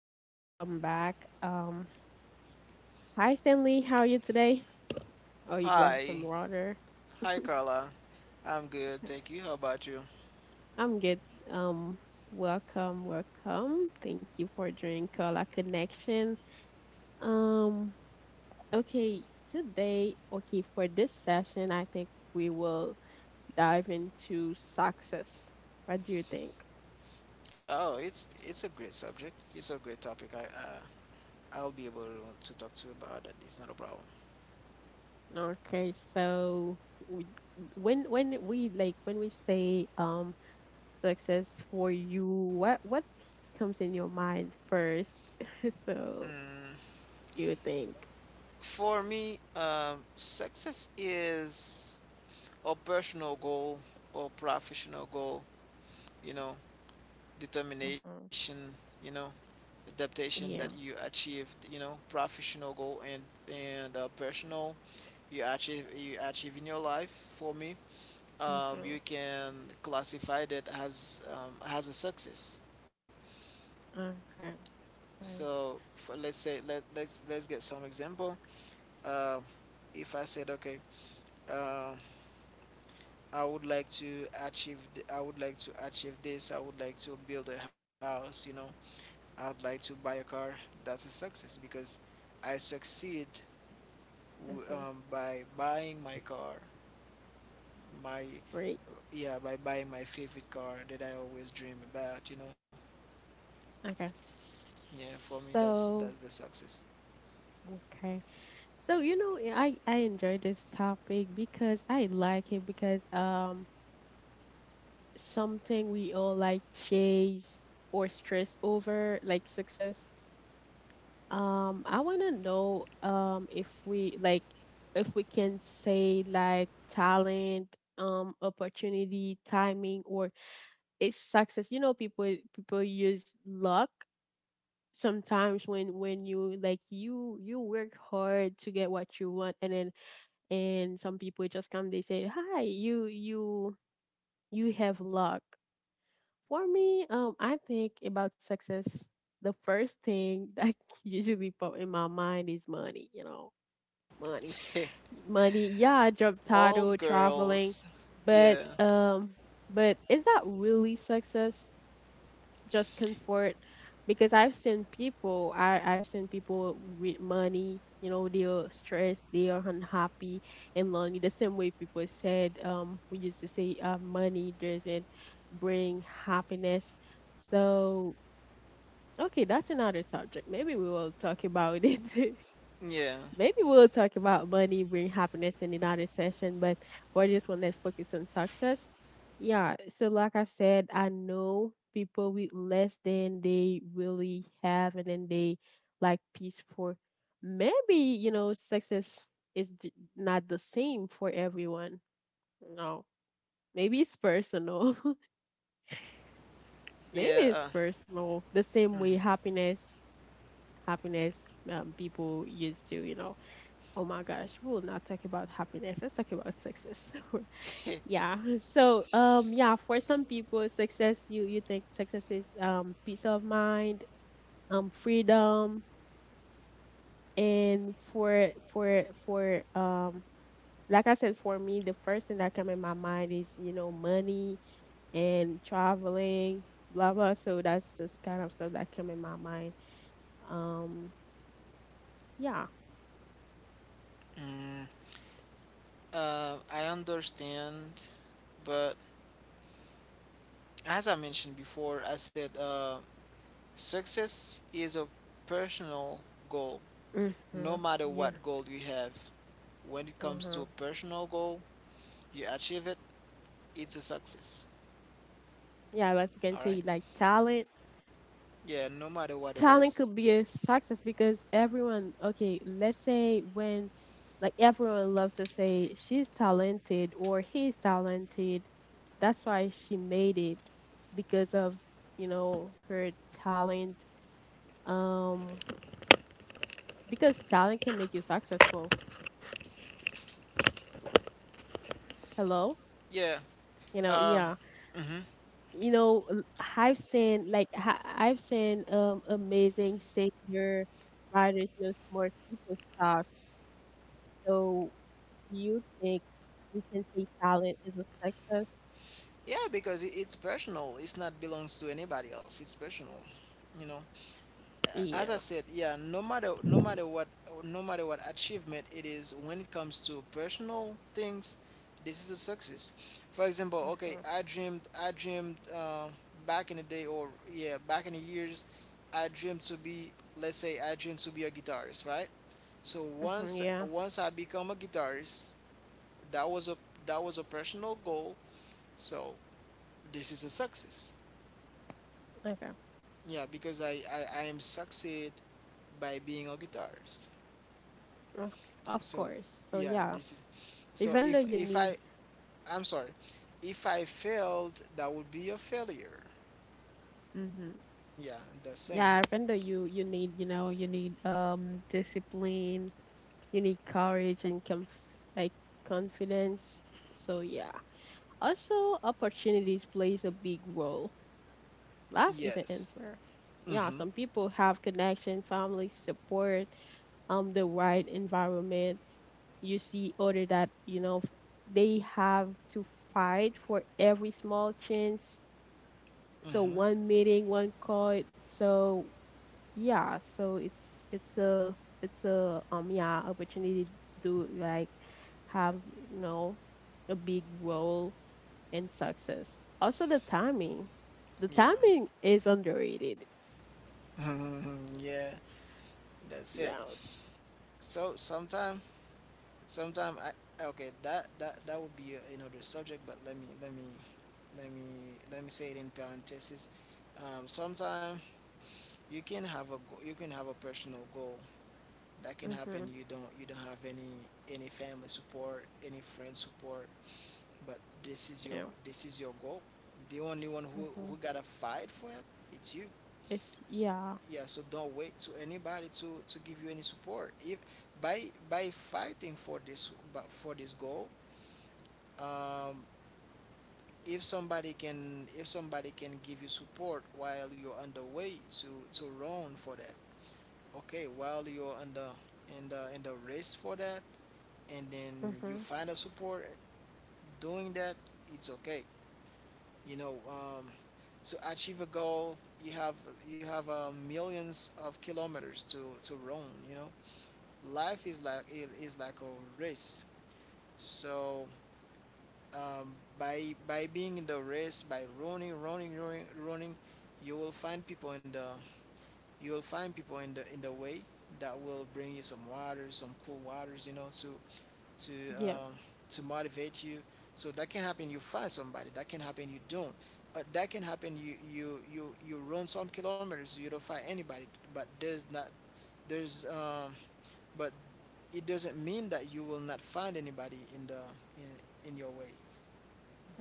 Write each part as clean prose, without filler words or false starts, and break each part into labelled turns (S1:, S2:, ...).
S1: back. Welcome back. Hi Stanley, how are you today? Oh, you grabbed some
S2: Hi.
S1: water.
S2: Hi, Carla. I'm good, thank you. How about you?
S1: I'm good. Um, Welcome, welcome. Thank you for joining Koala Connection. Um, okay, today, okay, for this session, I think we will dive into success. What do you think?
S2: Oh, it's a great subject. It's a great topic. I'll be able to talk to you about it. It's not a problem.
S1: Okay, so we, when we like when we say success for you, what comes in your mind first? So
S2: Mm,
S1: you think,
S2: for me, success is a personal goal or professional goal, you know,
S1: hmm,
S2: determination, you know, adaptation that
S1: yeah,
S2: you achieve, professional goal and personal you achieve in your life for me. um,
S1: hmm,
S2: you can classify that as a success.
S1: okay, right,
S2: So, let's say, let's get some example. Uh, if I said, okay, uh, I would like to achieve this. I would like to build a house. I would like to buy a car. That's a success because I succeed
S1: hmm,
S2: by buying my car, my
S1: great,
S2: yeah by buying my favorite car that I always dream about. You know.
S1: okay.
S2: Yeah, for me, that's
S1: So
S2: the success.
S1: okay, so you know, yeah, I enjoy this topic because I like it because something we all like chase or stress over, like success. I want to know if we like, if we can say like talent, opportunity, timing, or it's success. You know, people use luck sometimes when you like you work hard to get what you want, and then and some people just come, they say, "Hi, you you have luck." For me, I think about success. The first thing that usually pop in my mind is money. You know, money, money, yeah, I job
S2: All
S1: title traveling,
S2: girls.
S1: but
S2: Yeah.
S1: um but is that really success, just comfort? Because I've seen people, I've seen people with money, you know, they are stressed, they are unhappy and lonely. The same way people said, we used to say, money doesn't bring happiness. So okay, that's another subject, maybe we will talk about it.
S2: Yeah.
S1: Maybe we'll talk about money bring happiness in another session, but for this one, let's focus on success. Yeah, so like I said, I know people with less than they really have, and then they like peace. For maybe, you know, success is not the same for everyone. No, maybe it's personal. Maybe
S2: Yeah.
S1: it's personal, the same way happiness, happiness, people used to, you know. Oh my gosh, we'll not talk about happiness. Let's talk about success. Yeah. So, yeah, for some people, success, you think success is peace of mind, freedom, and for like I said, for me, the first thing that come in my mind is, you know, money and traveling, blah blah. So that's just kind of stuff that come in my mind. Um, yeah.
S2: Mm, I understand, but as I mentioned before, I said success is a personal goal. No
S1: Mhm.
S2: matter what
S1: Yeah.
S2: goal you have, when it
S1: Uh
S2: comes to
S1: huh.
S2: a personal goal, you achieve it, it's a success.
S1: Yeah, like we can
S2: All right?
S1: say like talent,
S2: Yeah, no matter what it
S1: talent
S2: is.
S1: could be a success, because everyone, okay, let's say when, like everyone loves to say she's talented or he's talented, that's why she made it, because of, you know, her talent. um because talent can make you successful. Hello?
S2: Yeah.
S1: You know,
S2: Uh,
S1: yeah,
S2: mhm.
S1: you know, I've seen like I've seen amazing singer, writers, you know, smart people talk. So you think we can say talent is a success?
S2: Yeah, because it's personal. It's not belongs to anybody else. It's personal. You know, as I
S1: Yeah.
S2: said, yeah. No matter what achievement it is, when it comes to personal things, this is a success. For example, okay,
S1: Mm-hmm.
S2: I dreamed back in the day, or yeah, back in the years, I dreamed to be. Let's say I dreamed to be a guitarist, right? So
S1: Mm-hmm.
S2: once
S1: Yeah.
S2: once I become a guitarist, that was a that was a personal goal. So this is a success.
S1: Okay.
S2: Yeah, because I am succeed by being a guitarist.
S1: Of of
S2: So
S1: course. So
S2: yeah,
S1: yeah,
S2: this is so
S1: even though you
S2: if I
S1: need,
S2: I'm sorry, if I failed that would be a failure.
S1: mm-hmm,
S2: Yeah, the same.
S1: yeah, even though you need, you know, you need discipline, you need courage and conf, like confidence. So yeah. Also, opportunities plays a big role. Life isn't
S2: Yes.
S1: unfair. Yeah,
S2: Mm-hmm.
S1: some people have connection, family support, the right environment. You see other that you know they have to fight for every small chance. So
S2: Mm-hmm.
S1: one meeting, one call. So yeah, so it's a, it's a yeah, opportunity to, like, have, you know, a big role in success. Also the timing. The
S2: Yeah.
S1: timing is underrated.
S2: Yeah, that's it.
S1: Yes,
S2: So sometime sometime I okay, that would be another subject, but let me let me say it in parentheses. Sometime you can have you can have a personal goal that can happen.
S1: mhm,
S2: You don't have any family support, any friend support, but
S1: yeah,
S2: this is your goal. The only one who
S1: mhm,
S2: gotta fight for it, it's you.
S1: it's yeah,
S2: Yeah. So don't wait to anybody to give you any support if by by fighting for this, but for this goal um if somebody can give you support while you're on the way to run for that. Okay, while you're in the race for that, and then you
S1: mhm,
S2: find a support doing that, it's okay. You know, um, to achieve a goal, you have you have millions of kilometers to run. Life is like it is like a race. So, by being in the race, by running, running, running, running, you will find people in the you'll find people in the way that will bring you some waters, some cool waters, to
S1: yeah,
S2: um, to motivate you. So that can happen. You find somebody. That can happen. You don't. That can happen. You run some kilometers. You don't find anybody. But there's not there's but it doesn't mean that you will not find anybody in your way.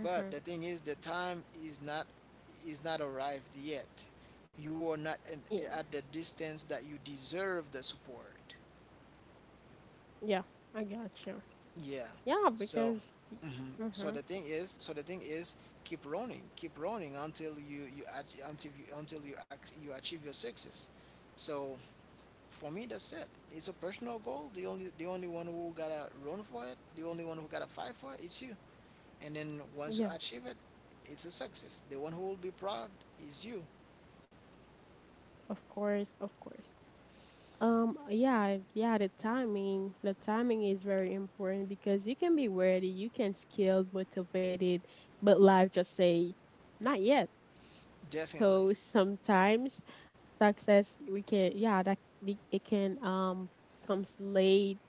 S2: But the thing is, the time is not arrived yet. You are not in,
S1: yeah.
S2: at the distance that you deserve the support.
S1: Yeah, I gotcha.
S2: Yeah.
S1: Yeah,
S2: So,
S1: because
S2: mhm. so the
S1: mhm.
S2: thing is, so the thing is, keep running until you ach- until you ac- you achieve your success. So for me, that's it. It's a personal goal. The only one who gotta run for it, the only one who gotta fight for it, it's you. And then once you
S1: Yeah,
S2: achieve it, it's a success. The one who will be proud is you.
S1: of course, of course. Yeah, yeah, the timing is very important, because you can be ready, you can skilled, motivated, but life just say not yet.
S2: Definitely.
S1: So sometimes success we can, yeah, that it can comes late,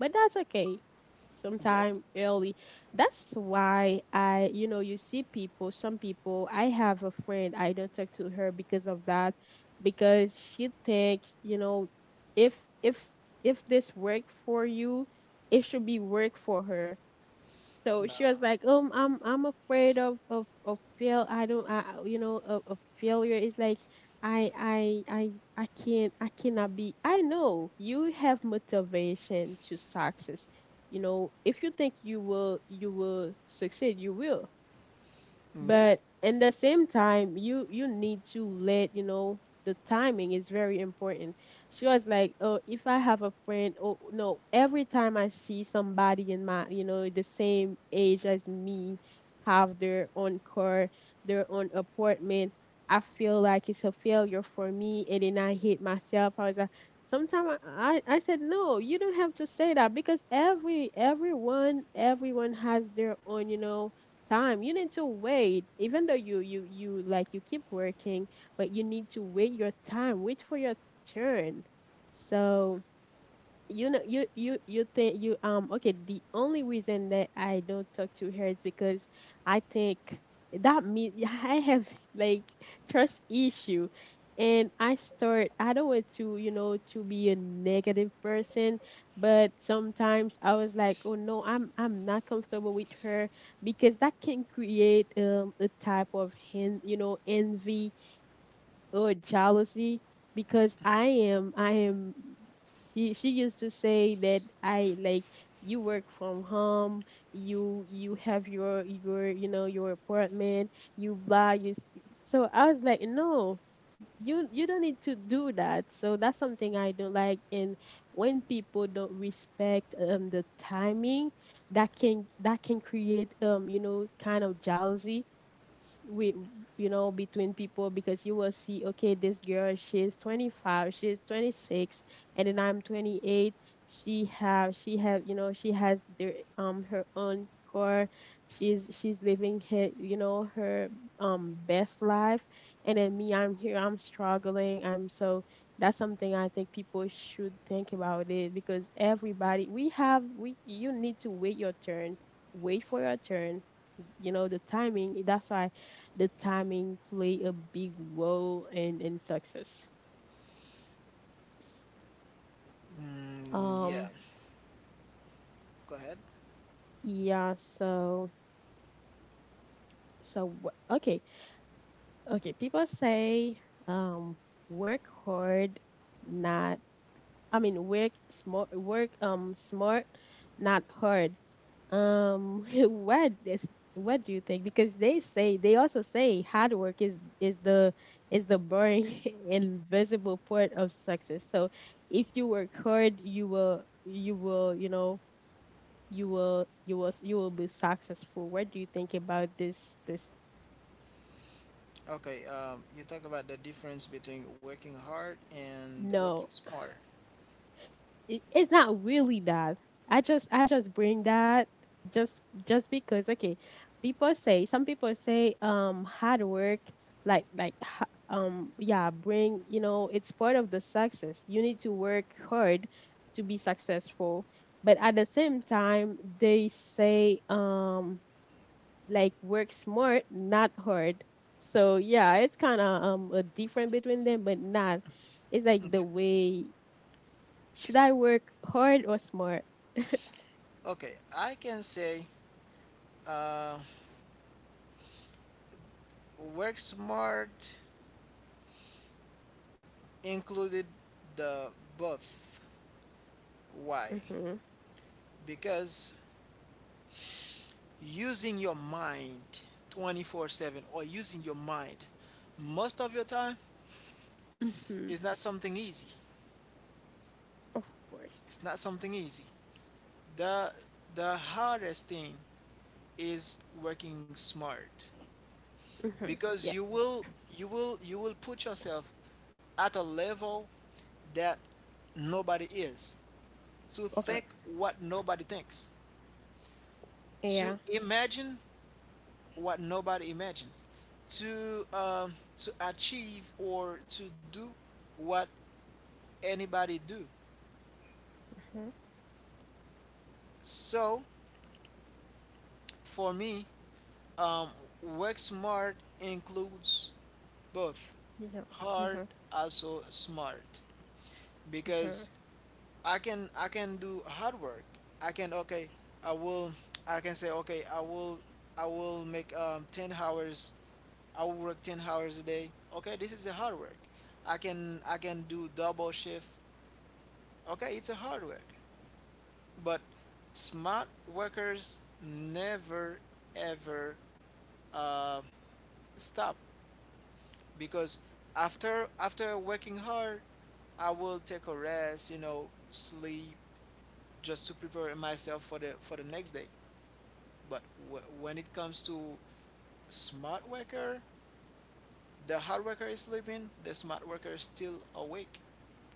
S1: but that's okay. Sometime
S2: Definitely.
S1: early. That's why I, you know, you see people, some people, I have a friend, I don't talk to her because of that, because she thinks, you know, if if if this work for you, it should be work for her. So
S2: No.
S1: she was like, I'm afraid of fail. I don't, you know, of failure. It's like I can't, I cannot be. I know you have motivation to success. You know, if you think you will, you will succeed, you will,
S2: Yeah.
S1: but in the same time you need to let you know the timing is very important. She was like, oh, if I have a friend, oh no, every time I see somebody in my, you know, the same age as me, have their own car, their own apartment, I feel like it's a failure for me, and then I hate myself. I was like, sometimes I said, no, you don't have to say that, because every, everyone has their own, you know, time. You need to wait, even though you like, you keep working, but you need to wait your time, wait for your turn. So, you know, you think you okay, the only reason that I don't talk to her is because I think that me, I have, like, trust issue, and I start, I don't want to, you know, to be a negative person, but sometimes I was like, oh no, I'm not comfortable with her, because that can create a type of hen, you know, envy or jealousy. Because I am, she used to say that I, like, you work from home, you have your, you know, your apartment, you buy, you see. So I was like, no, you don't need to do that. So that's something I don't like. And when people don't respect the timing, that can create you know, kind of jealousy with, you know, between people, because you will see, okay, this girl, she's 25, she's 26, and then I'm 28. She have, you know, she has their her own car. She's living her, you know, her best life. And then me, I'm here, I'm struggling. I'm so, that's something I think people should think about it, because everybody, we have, we, you need to wait your turn, wait for your turn. You know, the timing, that's why the timing play a big role in success.
S2: Mm, yeah,
S1: Um
S2: go ahead.
S1: yeah, so so okay. Okay, people say um work hard, not, I mean, work smart, not hard. What is, what do you think? Because they say, they also say hard work is the, is the boring invisible part of success. So if you work hard, you will, you will, you know, you will, you will, you will be successful. What do you think about this,
S2: Okay, you talk about the difference between working hard and working
S1: no,
S2: smarter.
S1: it, it's not really that. I just, I just bring that, just just because, okay, people say, some people say hard work, like yeah, bring, you know, it's part of the success. You need to work hard to be successful, but at the same time they say like work smart, not hard. So yeah, it's kind of a difference between them, but not. It's like
S2: Okay.
S1: the way, should I work hard or smart?
S2: Okay, I can say, uh, work smart included the both. Why?
S1: Mm-hmm.
S2: Because using your mind 24/7 or using your mind most of your time
S1: Mm-hmm.
S2: is not something easy.
S1: Of course.
S2: It's not something easy. The, the hardest thing is working smart
S1: Mm-hmm. Yeah.
S2: because you will put yourself at a level that nobody is to
S1: Okay.
S2: think, what nobody thinks
S1: Yeah.
S2: to imagine, what nobody imagines to achieve or to do what anybody do.
S1: Mm-hmm.
S2: So, for me, um, work smart includes both,
S1: Yeah.
S2: hard
S1: Mm-hmm.
S2: also smart,
S1: Mm-hmm.
S2: because I can do hard work. I can okay I will I can say, okay, I will make, 10 hours. I will work 10 hours a day. Okay, this is a hard work. I can do double shift. Okay, it's a hard work. But smart workers never ever uh, stop, because after working hard, I will take a rest, sleep, just to prepare myself for the next day. But when it comes to smart worker, the hard worker is sleeping, the smart worker is still awake,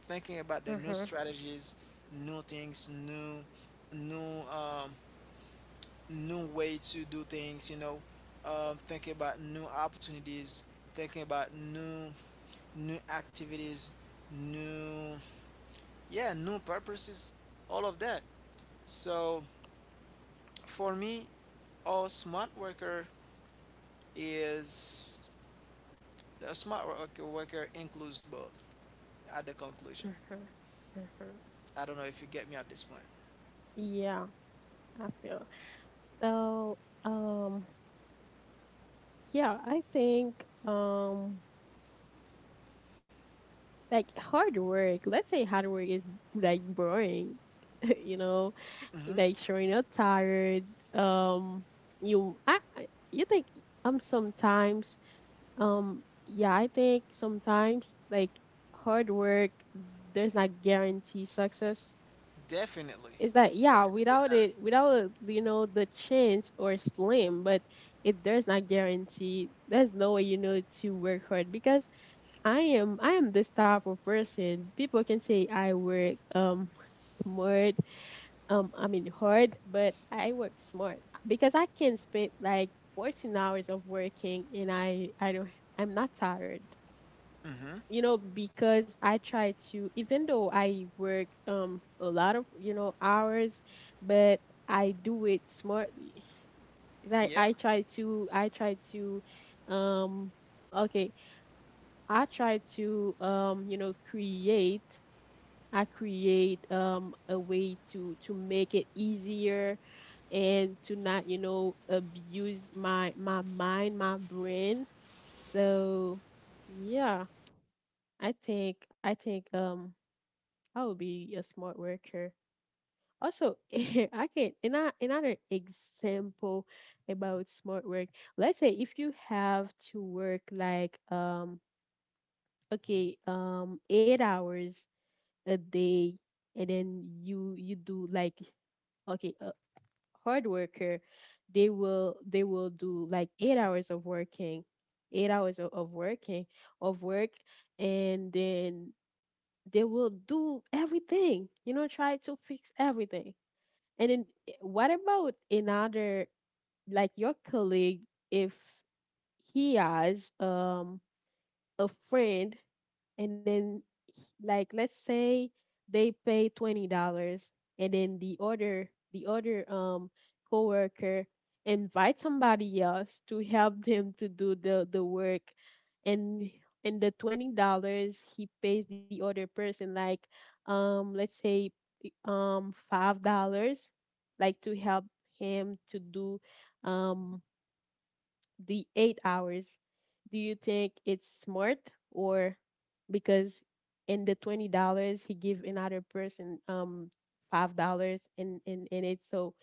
S2: thinking about the new
S1: Mm-hmm.
S2: strategies, new things, new um, new way to do things, thinking about new opportunities, thinking about new activities, new yeah, new purposes, all of that. So for me, a smart worker is a smart worker includes both, at the conclusion.
S1: Mm-hmm. Mm-hmm.
S2: I don't know if you get me at this point.
S1: Yeah. I feel so. Um. Yeah, I think like hard work, let's say hard work is like boring, you know,
S2: Hmm.
S1: like showing up tired. Um you, I, you think sometimes yeah, I think sometimes like hard work, there's not guarantee success.
S2: Definitely.
S1: It's that yeah,
S2: Definitely
S1: without
S2: not.
S1: it, without, you know, the chance or slim, but it, there's not guarantee. There's no way, you know, to work hard, because I am this type of person. People can say I work smart, I mean hard, but I work smart, because I can spend like 14 hours of working and I don't, I'm not tired.
S2: Hmm.
S1: You know, because I try to, even though I work a lot of, you know, hours, but I do it smartly. It's like
S2: Yeah.
S1: I try to um okay I try to you know create I create a way to make it easier, and to not abuse my mind, my brain, so yeah, I think I would be a smart worker. Also, I can another example about smart work. Let's say if you have to work like okay 8 hours a day, and then you do like, okay, a hard worker, they will do like 8 hours of working, 8 hours of working of work, and then they will do everything, you know, try to fix everything. And then, what about another, like, your colleague? If he has a friend, and then, like, let's say, they pay $20, and then the other coworker invite somebody else to help them to do the work, and the $20 he pays the other person like, let's say, $5, like, to help him to do um the 8 hours, do you think it's smart? Or because in the $20 he give another person $5 in it? So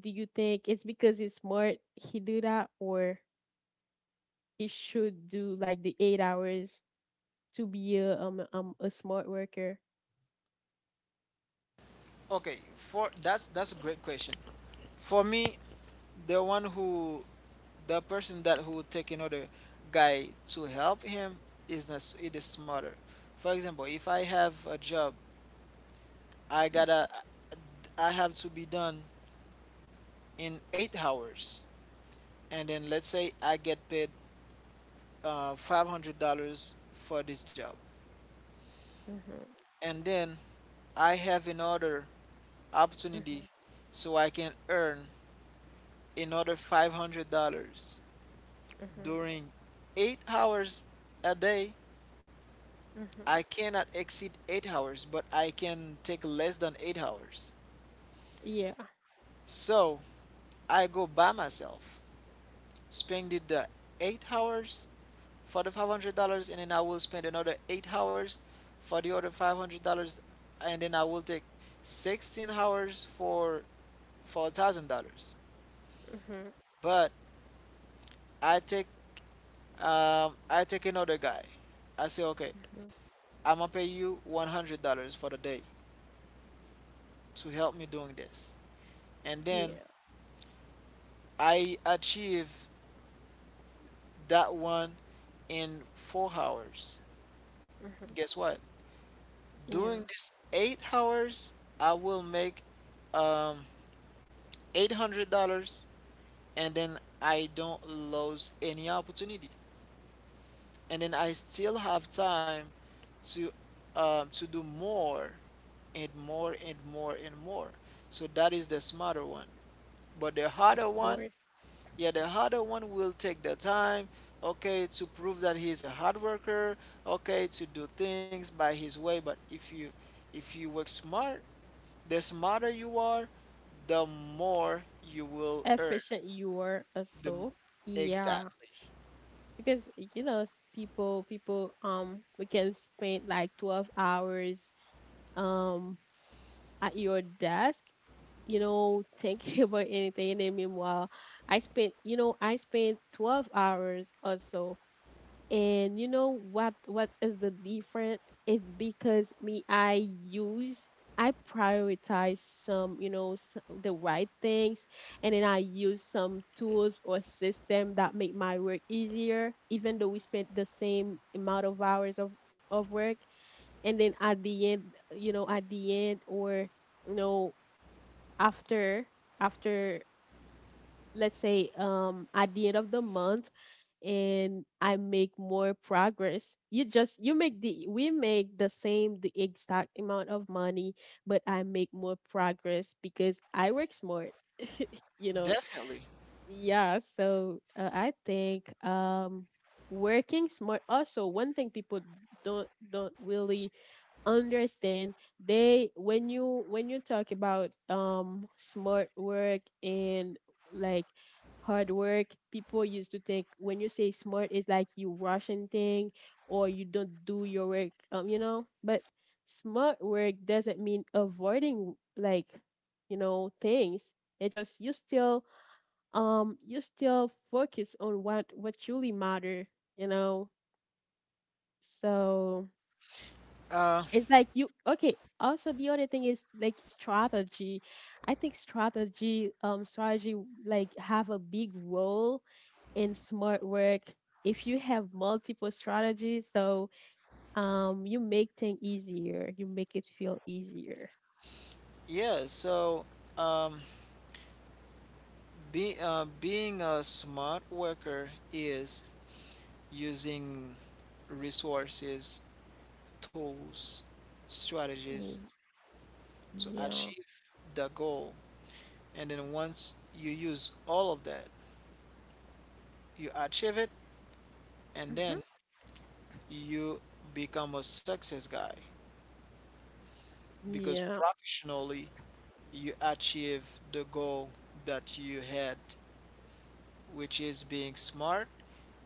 S1: do you think it's because it's smart he do that, or he should do like the 8 hours to be a smart worker?
S2: Okay. For that's a great question. For me, the one who the person that who would take another guy to help him is not it is smarter. For example, if I have a job, I gotta I have to be done in 8 hours, and then let's say I get paid, $500 for this job,
S1: Mm-hmm,
S2: and then I have another opportunity,
S1: mm-hmm,
S2: so I can earn another $500
S1: mm-hmm,
S2: during 8 hours a day. I
S1: mm-hmm.
S2: cannot exceed 8 hours, but I can take less than 8 hours.
S1: Yeah.
S2: So I go by myself, spend it the 8 hours for the $500, and then I will spend another 8 hours for the other $500, and then I will take 16 hours for $1,000.
S1: Mm-hmm,
S2: But I take I take another guy. I say, okay,
S1: mm-hmm.
S2: I'm gonna pay you $100 for the day to help me doing this. And then
S1: Yeah.
S2: I achieve that one in 4 hours.
S1: Mm-hmm.
S2: Guess what? Doing
S1: Yeah.
S2: this 8 hours, I will make, um, $800, and then I don't lose any opportunity, and then I still have time to to do more and more and more and more. So that is the smarter one. But the harder
S1: Of
S2: one
S1: course.
S2: yeah, the harder one will take the time, okay, to prove that he's a hard worker, okay, to do things by his way. But if you work smart, the smarter you are, the more you will earn.
S1: Efficient you were a
S2: The m-
S1: soul. Yeah,
S2: exactly.
S1: because you know, people, we can spend like 12 hours um at your desk, you know, thinking about anything. And then meanwhile, I spent 12 hours or so, and you know what is the difference? It's because, me, I prioritize some, you know, the right things, and then I use some tools or system that make my work easier, even though we spent the same amount of hours of work. And then, at the end, you know, at the end or you know after after, let's say, at the end of the month, and I make more progress. You just you make the we make the same, the exact amount of money, but I make more progress because I work smart, you know.
S2: Definitely.
S1: Yeah, so, I think working smart also, one thing people don't really understand, they when you talk about smart work and, like, hard work, people used to think when you say smart, it's like you rushing thing or you don't do your work, but smart work doesn't mean avoiding, like, things. It just, you still focus on what truly matter, you know. So,
S2: Uh,
S1: it's like, you. Okay. Also, the other thing is like strategy. I think strategy, like, have a big role in smart work. If you have multiple strategies, so, you make things easier. You make it feel easier.
S2: yeah, so, um, being a smart worker is using resources, tools, strategies,
S1: Y-
S2: to
S1: Yeah,
S2: achieve the goal. And then once you use all of that, you achieve it, and
S1: hmm
S2: then you become a success guy, because
S1: yeah,
S2: professionally you achieve the goal that you had, which is being smart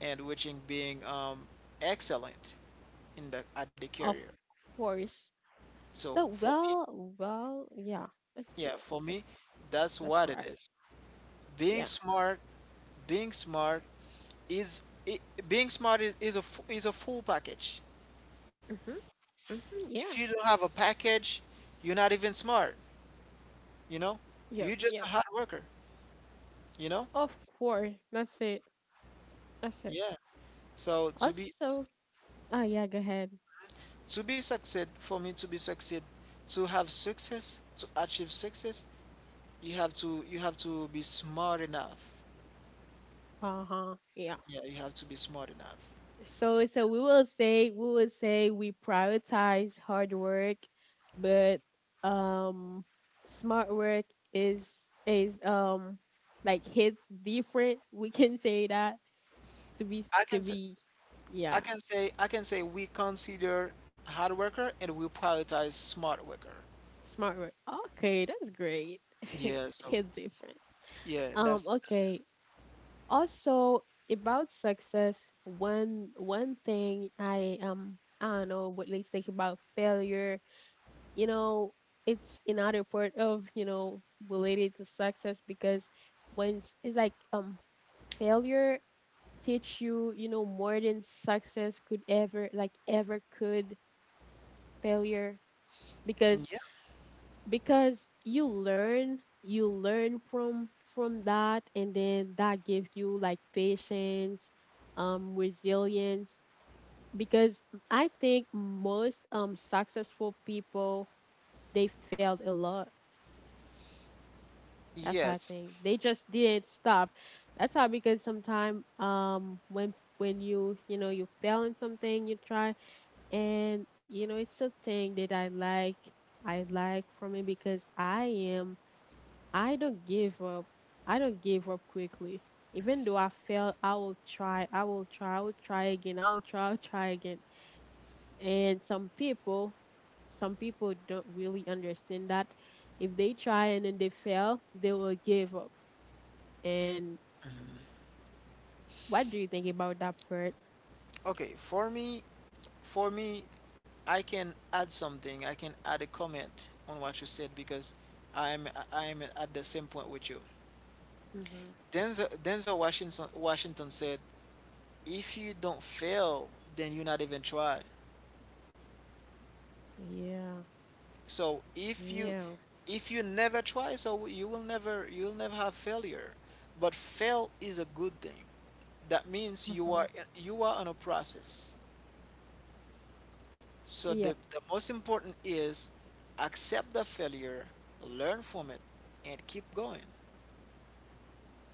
S2: and which is being, excellent in the at the
S1: of
S2: career.
S1: course.
S2: So
S1: So,
S2: for me,
S1: well, yeah. That's
S2: yeah,
S1: good.
S2: for me,
S1: That's
S2: that's
S1: that's
S2: what it
S1: right.
S2: is. Being
S1: Yeah.
S2: smart, being smart, is I being smart is a full package.
S1: Mhm. Mhm.
S2: If
S1: Yeah.
S2: you don't have a package, you're not even smart. You know,
S1: Yeah.
S2: you're just
S1: Yeah.
S2: a hard worker. You know,
S1: Of course, that's it. That's it.
S2: yeah. So,
S1: Also, oh yeah, go ahead.
S2: to be succeed for me, to achieve success, you have to be smart enough.
S1: Uh-huh. Yeah.
S2: Yeah, you have to be smart enough.
S1: So, we will say we prioritize hard work, but um smart work is is um, like, hits different. We can say that,
S2: I
S1: to
S2: can say
S1: be
S2: I
S1: yeah,
S2: can say I can say we consider hard worker, and we prioritize smart worker.
S1: smart work. Okay, that's great.
S2: Yeah. So
S1: Hits different.
S2: yeah,
S1: Um
S2: that's
S1: okay, Also, about success, one thing, I don't know what let think about failure. You know, it's another part of, you know, related to success, because when it's like, failure teach you, you know, more than success could ever, like, ever could. Failure.
S2: it.
S1: because
S2: Yeah.
S1: because you learn from that, and then that gives you, like, patience, resilience, because I think most, successful people, they failed a lot. That's how. I
S2: Yes.
S1: think they just didn't stop. That's how. Because sometimes, when you know, you fail in something, you try. And you know, it's a thing that I like from it, because I am. I don't give up. I don't give up quickly. Even though I fail, I will try. I will try. I will try again. I will try. I'll try again. And some people don't really understand that. If they try and then they fail, they will give up. And what do you think about that part?
S2: Okay, for me, I can add something. I can add a comment on what you said, because I'm at the same point with you.
S1: Mm-hmm.
S2: Denzel Washington said, "If you don't fail, then you not even try."
S1: Yeah.
S2: So if you
S1: Yeah.
S2: if you never try, so you'll never have failure. But fail is a good thing. That means you
S1: Mm-hmm.
S2: are you are on a process. So the,
S1: Yep.
S2: the most important is accept the failure, learn from it, and keep going.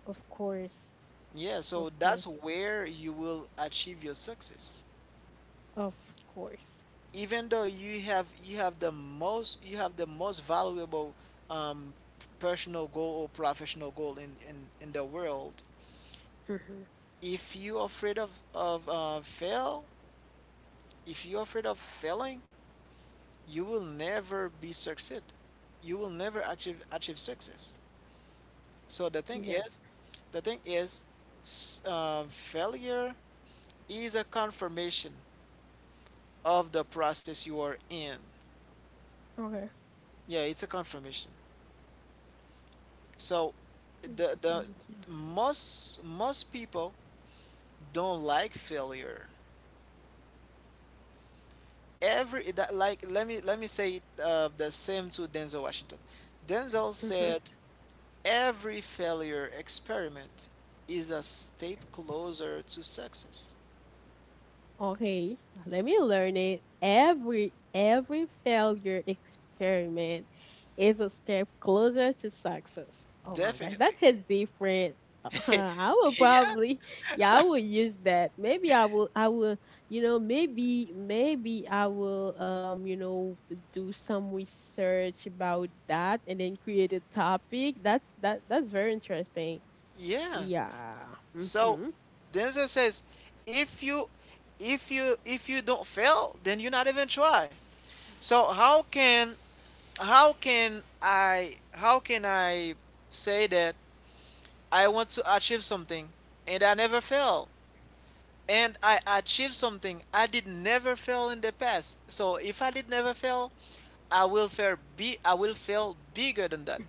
S1: Of course.
S2: Yeah, so
S1: Of
S2: that's
S1: course.
S2: where you will achieve your success.
S1: Of course.
S2: Even though you have the most you have the most valuable um, personal goal or professional goal in the world,
S1: Mm-hmm.
S2: if you afraid of if you're afraid of failing, you will never be succeed. You will never achieve success. So the thing
S1: Yep.
S2: is, the thing is, failure is a confirmation of the process you are in.
S1: Okay.
S2: Yeah, it's a confirmation. So
S1: Great.
S2: the
S1: Thank you.
S2: most people don't like failure. Every that like let me say it, the same to Denzel Washington. Denzel
S1: Mhm.
S2: said every failure experiment is a step closer to success.
S1: Okay, let me learn it. Every failure experiment is a step closer to success. Oh my gosh, that
S2: Definitely.
S1: hits different. I will
S2: Yeah.
S1: probably, yeah, I will use that. Maybe maybe I will, do some research about that and then create a topic. That's very interesting.
S2: Yeah.
S1: Yeah.
S2: So
S1: Mm-hmm.
S2: the answer says, if you if you don't fail, then you not even try. So how can I how can I say that I want to achieve something and I never fail? And I achieve something I did never fail in the past. So if I did never fail, I will fail bigger than that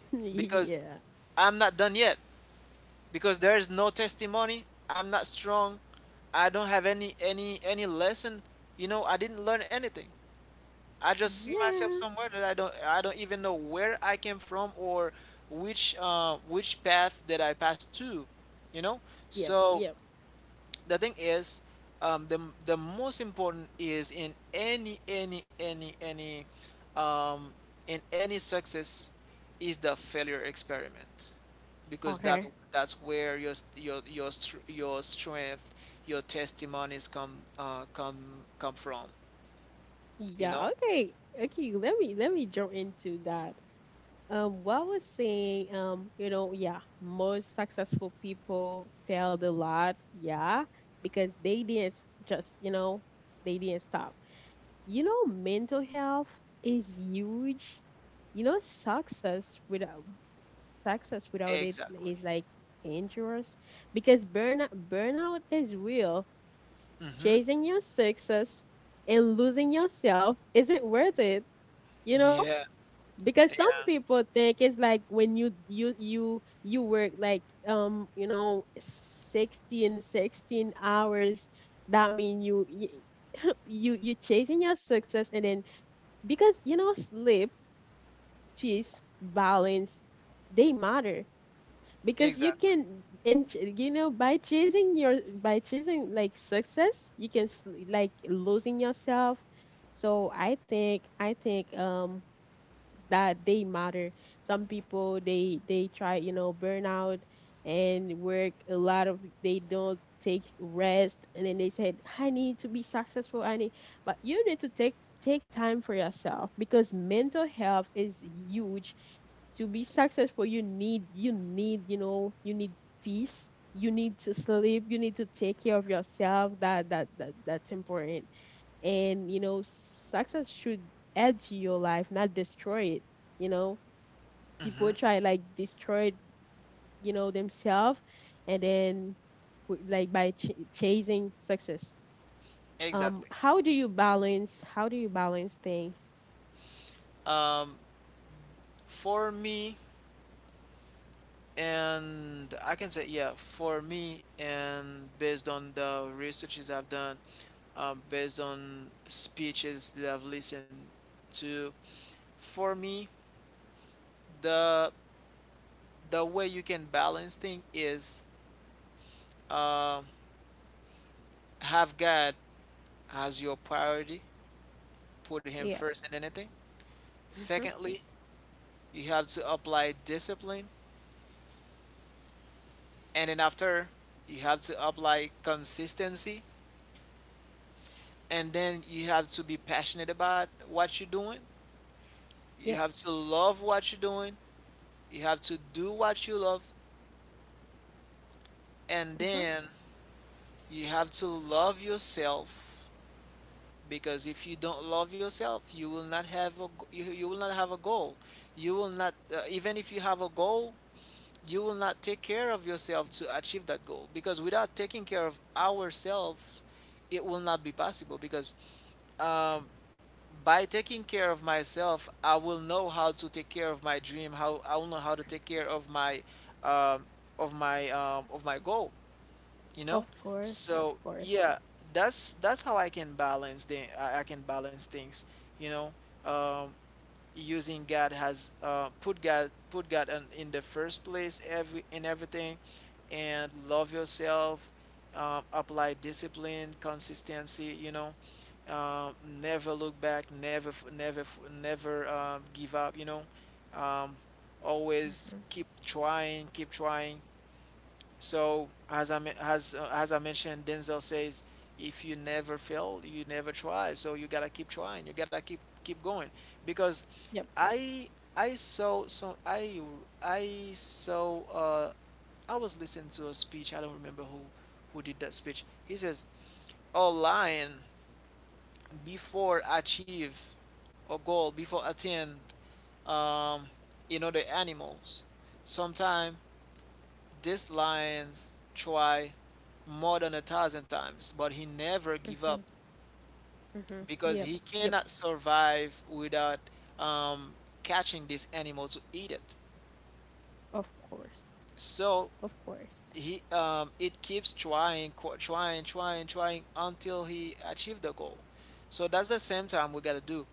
S2: because
S1: Yeah.
S2: I'm not done yet. Because there is no testimony, I'm not strong, I don't have any lesson, you know, I didn't learn anything. I just see myself
S1: Yeah.
S2: somewhere that I don't even know where I came from, or which path that I passed to, you know.
S1: Yep.
S2: So
S1: Yep.
S2: the thing is, um the the most important is in any um in any success is the failure experiment, because that
S1: Okay.
S2: that's where your your strength, your testimonies come come from, you know.
S1: Yeah. Okay. Okay. Let me jump into that. What I was saying, yeah, most successful people failed a lot, yeah, because they didn't s- just, you know, they didn't stop. You know, mental health is huge. You know, success without, it
S2: Exactly.
S1: is like dangerous, because burnout is real.
S2: Mm-hmm.
S1: Chasing your success and losing yourself isn't worth it you know
S2: Yeah.
S1: because some
S2: Yeah.
S1: people think it's like, when you work like, sixteen hours, that mean you you chasing your success. And then, because you know, sleep, peace, balance, they matter. Because you
S2: Exactly.
S1: can, and you know by chasing, like, success, you can, like, losing yourself. So I think that they matter. Some people, they try, you know, burnout and work a lot of, they don't take rest, and then they said, I need to be successful, I need. But you need to take time for yourself, because mental health is huge. To be successful, you need peace, you need to sleep, you need to take care of yourself. That's important. And, you know, success should add to your life, not destroy it you know people
S2: Mm-hmm.
S1: try, like, destroy, themselves, and then, like, by chasing success.
S2: Exactly.
S1: How do you balance thing?
S2: um for me, and I can say yeah, for me, and based on the researches I've done, based on speeches that I've listened to, for me, the the way you can balance things is, uh, have God as your priority, put him
S1: Yeah.
S2: first in anything.
S1: Mhm.
S2: Secondly, you have to apply discipline, and then after, you have to apply consistency, and then you have to be passionate about what you're doing. You
S1: Yep.
S2: have to love what you're doing. You have to do what you love. And
S1: Mhm.
S2: then you have to love yourself, because if you don't love yourself, you will not have a goal. You will not even if you have a goal, you will not take care of yourself to achieve that goal, because without taking care of ourselves, it will not be possible, because um, by taking care of myself, I will know how to take care of my dream. How I will know how to take care of my, um, of my, of my goal. You know,
S1: Of course.
S2: so
S1: Of course.
S2: yeah, that's how I can I can balance things. You know, um, using God has put God in the first place, every in everything, and love yourself. Apply discipline, consistency. You know, um, never look back, never never give up. You know, um, always
S1: Mhm.
S2: keep trying, keep trying. So as I as I mentioned, Denzel says, if you never fail, you never try. So you gotta keep trying. You gotta keep going because
S1: Yep.
S2: I I I saw I was listening to a speech. I don't remember who did that speech. He says, "All lying before achieve a goal, before attain um in other animals. Sometimes this lions try more than a thousand times, but he never give
S1: Mhm.
S2: up
S1: Mhm. Yep.
S2: because he
S1: Yep.
S2: cannot survive without um, catching this animal to eat it."
S1: Of course.
S2: So
S1: Of course.
S2: he it keeps trying, trying, trying, trying until he achieve the goal. So that's the same time we gotta do.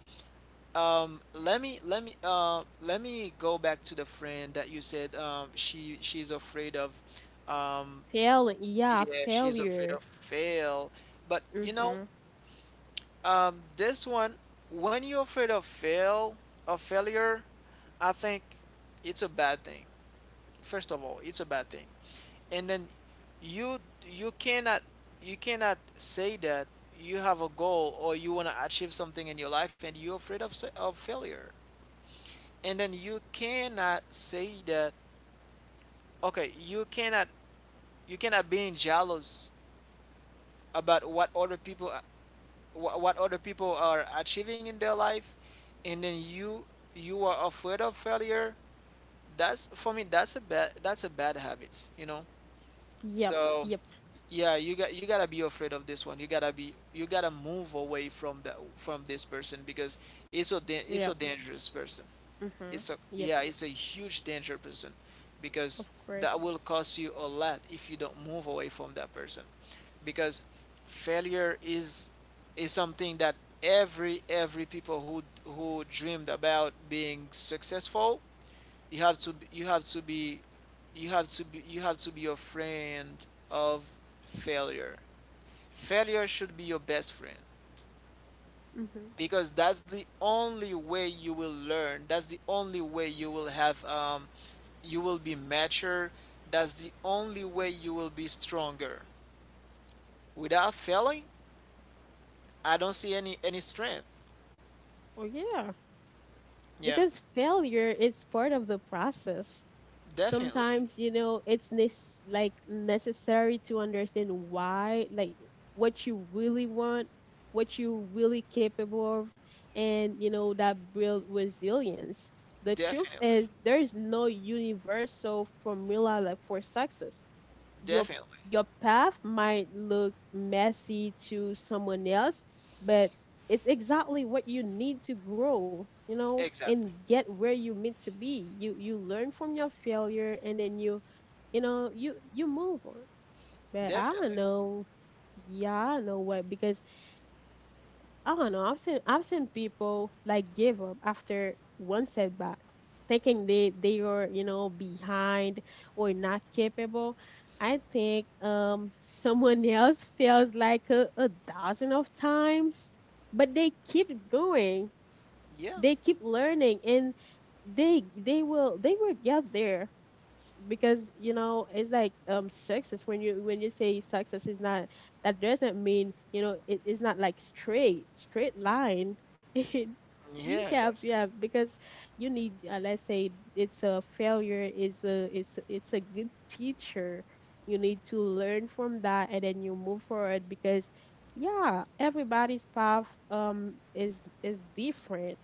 S2: Let me go back to the friend that you said she she's afraid of um,
S1: Failing. Yeah.
S2: yeah, she's afraid
S1: Failure.
S2: of fail. But you know,
S1: Mhm.
S2: this one, when you're afraid of fail, of failure, I think it's a bad thing. First of all, it's a bad thing. And then you you cannot, you cannot say that you have a goal or you want to achieve something in your life and you're afraid of of failure. And then you cannot say that, okay, you cannot, you cannot be jealous about what other people, what other people are achieving in their life, and then you are afraid of failure. That's for me, that's a bad habit, you know.
S1: Yep.
S2: So
S1: Yep.
S2: yeah, you gotta be afraid of this one, you gotta be, you gotta move away from that, from this person, because it's so
S1: Yep.
S2: dangerous person.
S1: Mhm.
S2: It's a,
S1: Yep.
S2: yeah, it's a huge danger person
S1: Of
S2: because
S1: course.
S2: that will cost you a lot if you don't move away from that person. Because failure is something that every people who dreamed about being successful, you have to b- you have to be you have to be a friend of failure. Failure should be your best friend
S1: Mhm.
S2: because that's the only way you will learn, that's the only way you will have you will be mature, that's the only way you will be stronger. Without failing, I don't see any strength.
S1: Oh yeah.
S2: Yeah.
S1: Because failure is part of the process.
S2: Definitely.
S1: Sometimes, you know, it's nes- like necessary to understand why, like, what you really want, what you really capable of. And you know that build resilience. The truth
S2: Definitely.
S1: is, there is no universal formula, like, for success. your
S2: Definitely.
S1: your path might look messy to someone else, but it's exactly what you need to grow, you know,
S2: Exactly.
S1: and get where you meant to be. You learn from your failure, and then you move on. But I don't
S2: Definitely.
S1: know. Yeah, I don't know what, because I don't know. I've seen people like give up after one setback, thinking they are, you know, behind or not capable. I think someone else feels like a dozen of times, but they keep going,
S2: Yeah.
S1: they keep learning, and they will get there. Because you know, it's like, success, when you say success is not, that doesn't mean you know it's not like straight line. And we
S2: Yeah,
S1: have,
S2: that's
S1: yeah, because you need, let's say, it's a failure is a it's a good teacher. You need to learn from that and then you move forward, because, yeah, everybody's path, is different.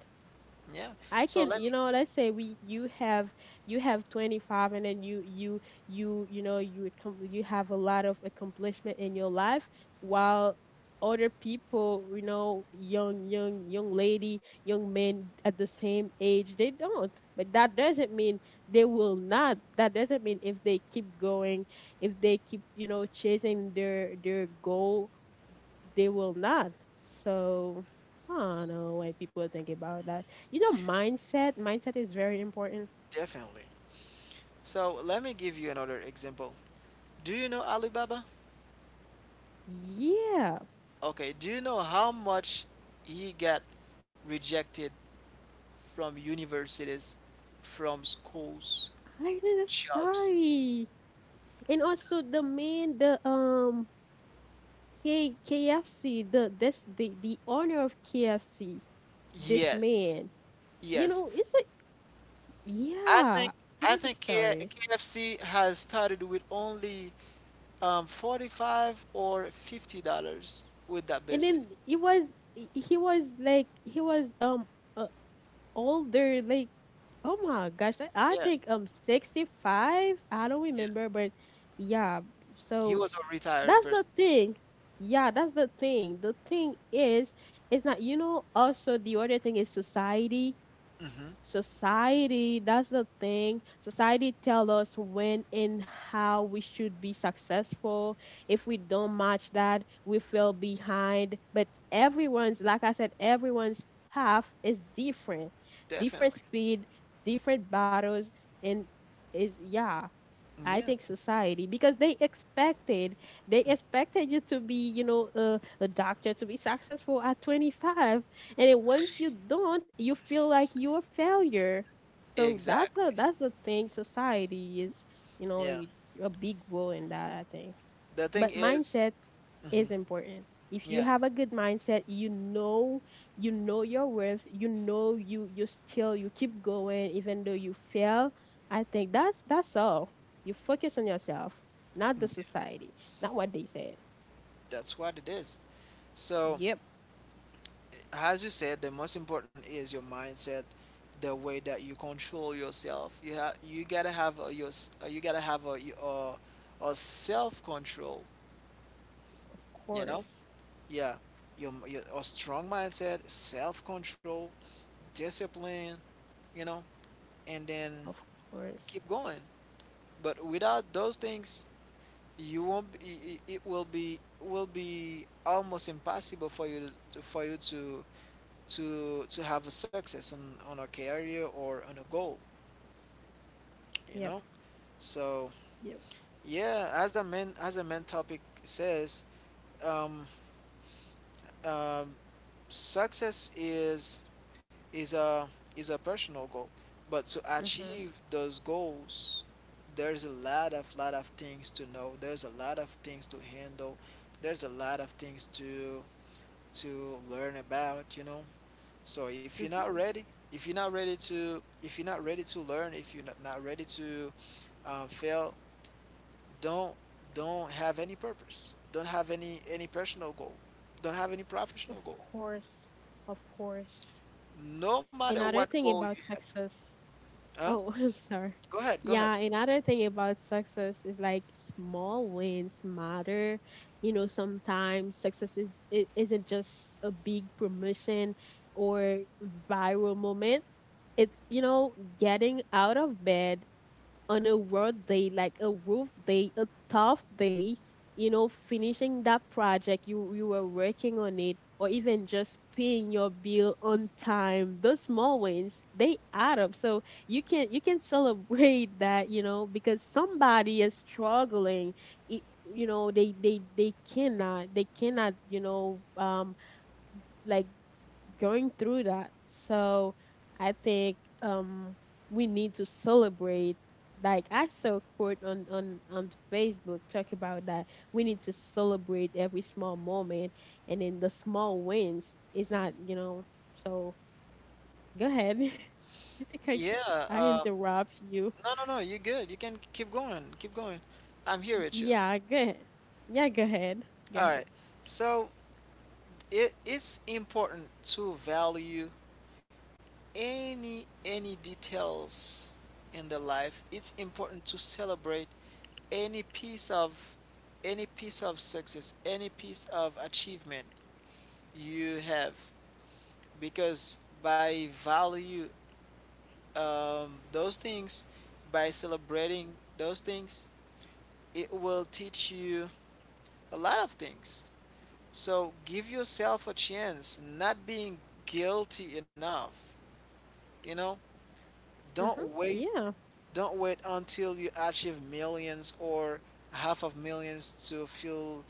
S2: yeah.
S1: I
S2: So
S1: can,
S2: let me,
S1: you know, let's say, we you have 25, and then you have a lot of accomplishment in your life, while other people, you know, young lady, young men at the same age, they don't. But that doesn't mean they will not. That doesn't mean, if they keep going, if they keep, you know, chasing their goal, they will not. So I don't know why people think about that. You know, mindset. Mindset is very important.
S2: definitely, so let me give you another example. Do you know Alibaba?
S1: Yeah,
S2: Okay, do you know how much he got rejected from universities, from schools,
S1: I know.
S2: jobs?
S1: Sorry, and also the man, the K KFC, the owner of KFC, this
S2: Yes,
S1: man. You
S2: yes.
S1: know, it's like,
S2: I think
S1: yeah,
S2: I
S1: another
S2: think
S1: story.
S2: KFC has started with only 45 or $50 with that
S1: And
S2: business.
S1: then, it was he was uh, older, like. Oh my gosh, I
S2: Yeah,
S1: think 65. I don't
S2: yeah.
S1: remember, but yeah.
S2: He
S1: So
S2: was a retired
S1: that's the
S2: person.
S1: thing. Yeah, that's the thing. The thing is, it's not, you know, also the other thing is society.
S2: Hmm.
S1: Society, that's the thing, society tell us when and how we should be successful. If we don't match that, we feel behind. But everyone's, like I said, everyone's path is different. Different
S2: Definitely.
S1: speed, different battles, and is, yeah. I
S2: Yeah,
S1: think society, because they expected, you to be, you know, a doctor, to be successful at 25, and then once you don't, you feel like you're a failure. So that's
S2: exactly.
S1: the that's the thing. Society is, you know,
S2: Yeah.
S1: a big role in that, I think.
S2: The thing
S1: But
S2: is,
S1: mindset
S2: mhm,
S1: is important. If you
S2: yeah,
S1: have a good mindset, you know your worth, you know, you keep going even though you fail. I think that's all. You focus on yourself, not the
S2: yeah,
S1: society, not what they said.
S2: that's what it is. So
S1: Yep,
S2: as you said, the most important is your mindset, the way that you control yourself. You have, you gotta have a, you gotta have uh a self control.
S1: of
S2: You know,
S1: course.
S2: yeah, your a strong mindset, self control, discipline. You know, and then
S1: Of course.
S2: keep going. But without those things, you won't. It will be, will be almost impossible for you to, to have a success on a career or on a goal, you
S1: Yep.
S2: know. So
S1: Yep.
S2: yeah, as the main, as the main topic says, um, um, success is, is a is a personal goal, but to
S1: Mhm.
S2: achieve those goals, there's a lot of, lot of things to know, there's a lot of things to handle, there's a lot of things to learn about, you know. So if you're
S1: Mhm.
S2: not ready, if you're not ready to if you're not ready to learn, if you're not, not ready to fail, don't don't have any purpose, don't have any personal goal, don't have any
S1: Of
S2: professional goal,
S1: course. Of course.
S2: no matter what
S1: Another thing
S2: goal you
S1: about
S2: have.
S1: success.
S2: Huh?
S1: Oh, I'm sorry.
S2: Go ahead.
S1: Yeah, another thing about success is like small wins matter. You know, sometimes success is it isn't just a big promotion or viral moment. It's, you know, getting out of bed on a road day, like a rough day, a tough day, you know, finishing that project you were working on it, or even just paying your bill on time. Those small wins they add up. So you can celebrate that, you know, because somebody is struggling. It, you know they cannot you know like going through that. So I think we need to celebrate. Like I saw a quote on Facebook talk about that. We need to celebrate every small moment and then the small wins is not, you know, so go ahead. I think
S2: Yeah.
S1: I
S2: uh
S1: interrupt you.
S2: no no no you're good, you can keep going, keep going, I'm here with you.
S1: Yeah, go ahead. Yeah, go ahead. Go
S2: All
S1: ahead.
S2: right, so it, it's important to value any details in the life. It's important to celebrate any piece of any piece of success, any piece of achievement you have, because by value those things, by celebrating those things, it will teach you a lot of things. So give yourself a chance, not being guilty enough, you know,
S1: Mm-hmm.
S2: don't wait.
S1: Yeah.
S2: Don't wait until you achieve millions or half of millions to feel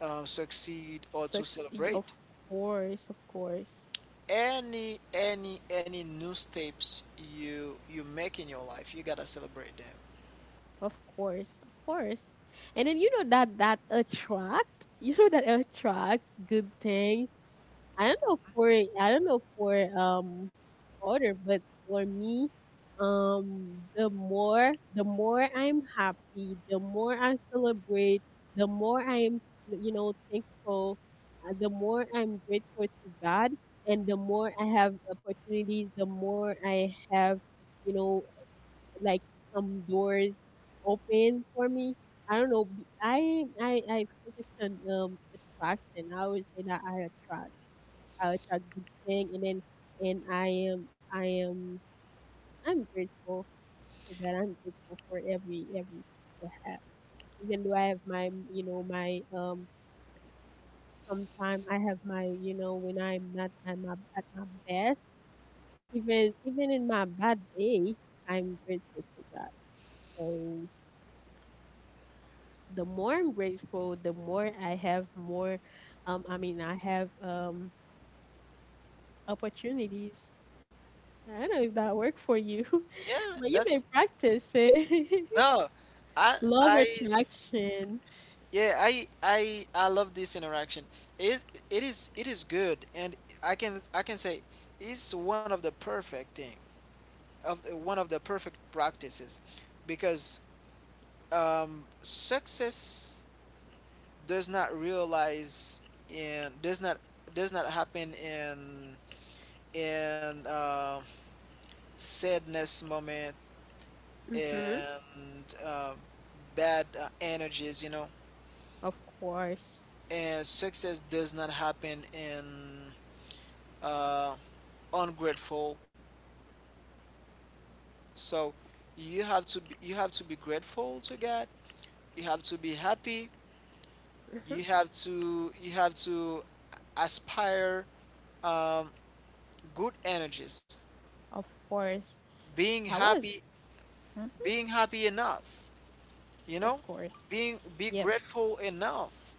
S2: succeed or to
S1: Yeah, of
S2: celebrate.
S1: course, of course.
S2: Any new steps you, you make in your life, you gotta celebrate them.
S1: Of course, of course. And then you know that attract, you know that attract good things. I don't know for other, but for me, the more I'm happy, the more I celebrate, the more I'm you know thankful, the more I'm grateful to God, and the more I have opportunities, the more I have you know like some doors open for me. I don't know. I focus on attraction. I always say that I attract. I attract good thing, and then and I'm grateful to God. I'm grateful for everything I have. Even though I have my you know my sometime I have my you know when I'm not I'm at my best. Even in my bad day, I'm grateful to God. So the more I'm grateful, the more I have more, I mean, I have opportunities. I don't know if that worked for you,
S2: Yeah,
S1: but you
S2: that's
S1: may practice it.
S2: no.
S1: Love
S2: I
S1: attraction.
S2: Yeah, I love this interaction. It it is, it is good, and I can say it's one of the perfect thing of the, one of the perfect practices because success does not realize in, does not, does not happen in sadness moment,
S1: Mm-hmm.
S2: and bad energies, you know,
S1: Of course.
S2: and success does not happen in uh, ungrateful. So you have to be, you have to be grateful to God, you have to be happy,
S1: Mm-hmm.
S2: you have to aspire um, good energies,
S1: Of course.
S2: being
S1: I
S2: happy,
S1: was. Mm-hmm.
S2: being happy enough, you
S1: Of
S2: know,
S1: course.
S2: being be
S1: Yep.
S2: grateful enough,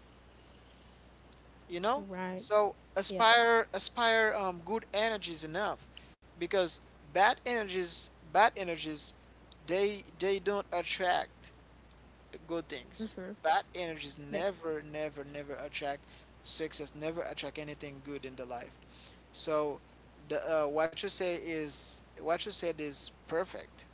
S2: you know.
S1: Right.
S2: So
S1: Yep.
S2: aspire, aspire good energies enough, because bad energies, they don't attract good things.
S1: Mm-hmm.
S2: Bad energies
S1: Yep.
S2: never, never, never attract success. Never attract anything good in the life. So, the what you said is perfect.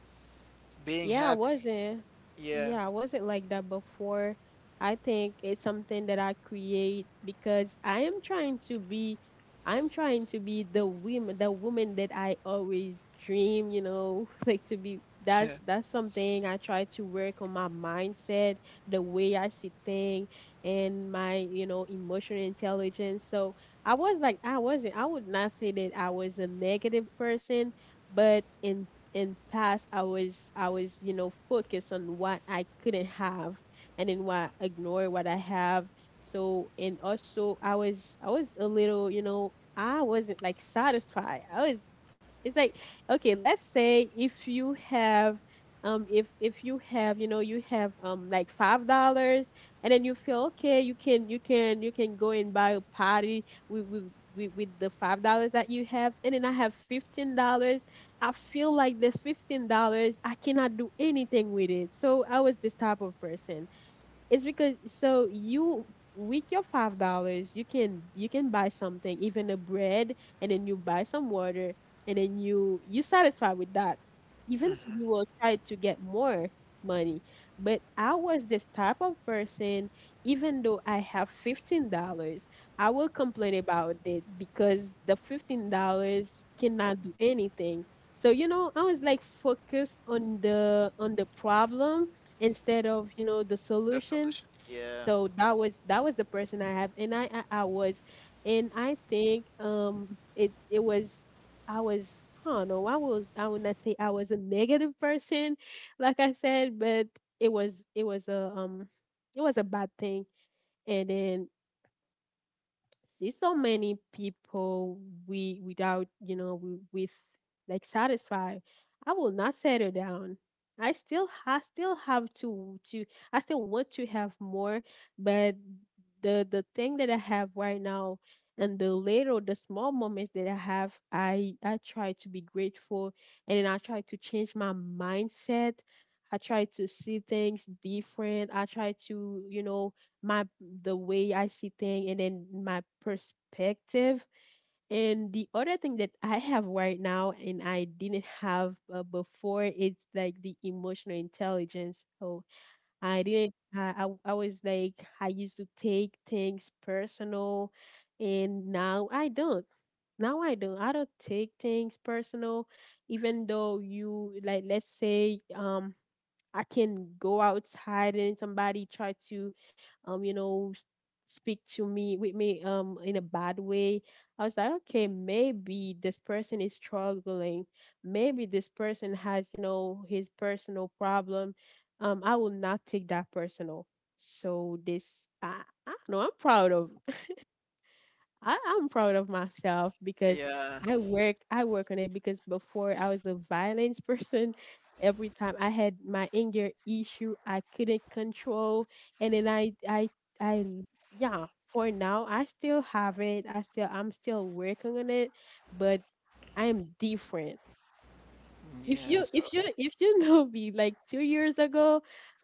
S2: Being
S1: Yeah, I
S2: happy,
S1: wasn't.
S2: yeah.
S1: Yeah, I wasn't like that before. I think it's something that I create because I am trying to be, I'm trying to be the woman that I always dream, you know, like to be. that's that's something I try to work on my mindset, the way I see things and my, you know, emotional intelligence. So I was like I would not say that I was a negative person, but in past I was you know focused on what I couldn't have and then what ignore what I have. So and also I was a little, you know, I wasn't like satisfied. I was, it's like, okay, let's say if you have if you have you know you have like $5 and then you feel okay, you can go and buy a party with the $5 that you have, and then I have $15. I feel like the $15, I cannot do anything with it. So I was this type of person. It's because so you, with your $5 you can buy something, even a bread, and then you buy some water, and then you satisfied with that. Even
S2: Hmm.
S1: though you will try to get more money. But I was this type of person, even though I have $15, I will complain about it because the $15 cannot do anything. So you know, I was like focused on the problem instead of you know the
S2: The
S1: solution.
S2: solution, yeah,
S1: So that was the person I have, and I was. And I think it was, I was, I don't know. I was. I would not say I was a negative person, like I said, but it was. It was a. It was a bad thing. And then see so many people we without you know we, with like satisfied. I will not settle down. I still have to I still want to have more. But the thing that I have right now and the small moments that I have I try to be grateful, and then I try to change my mindset. I try to see things different. I try to you know my, the way I see things and then my perspective. And the other thing that I have right now and I didn't have before is like the emotional intelligence. So I didn't. I was like I used to take things personal, and now I don't. Now I don't. I don't take things personal, even though you like. Let's say I can go outside and somebody try to, you know, speak to me with me in a bad way. I was like, okay, maybe this person is struggling. Maybe this person has, you know, his personal problem. I will not take that personal. So this, I, I don't know. I, I'm proud of myself because
S2: yeah,
S1: I work on it, because before I was a violence person. Every time I had my anger issue, I couldn't control, and then I yeah. For now, I still have it. I'm still working on it, but I'm different. If
S2: yeah. So
S1: you know me like 2 years ago,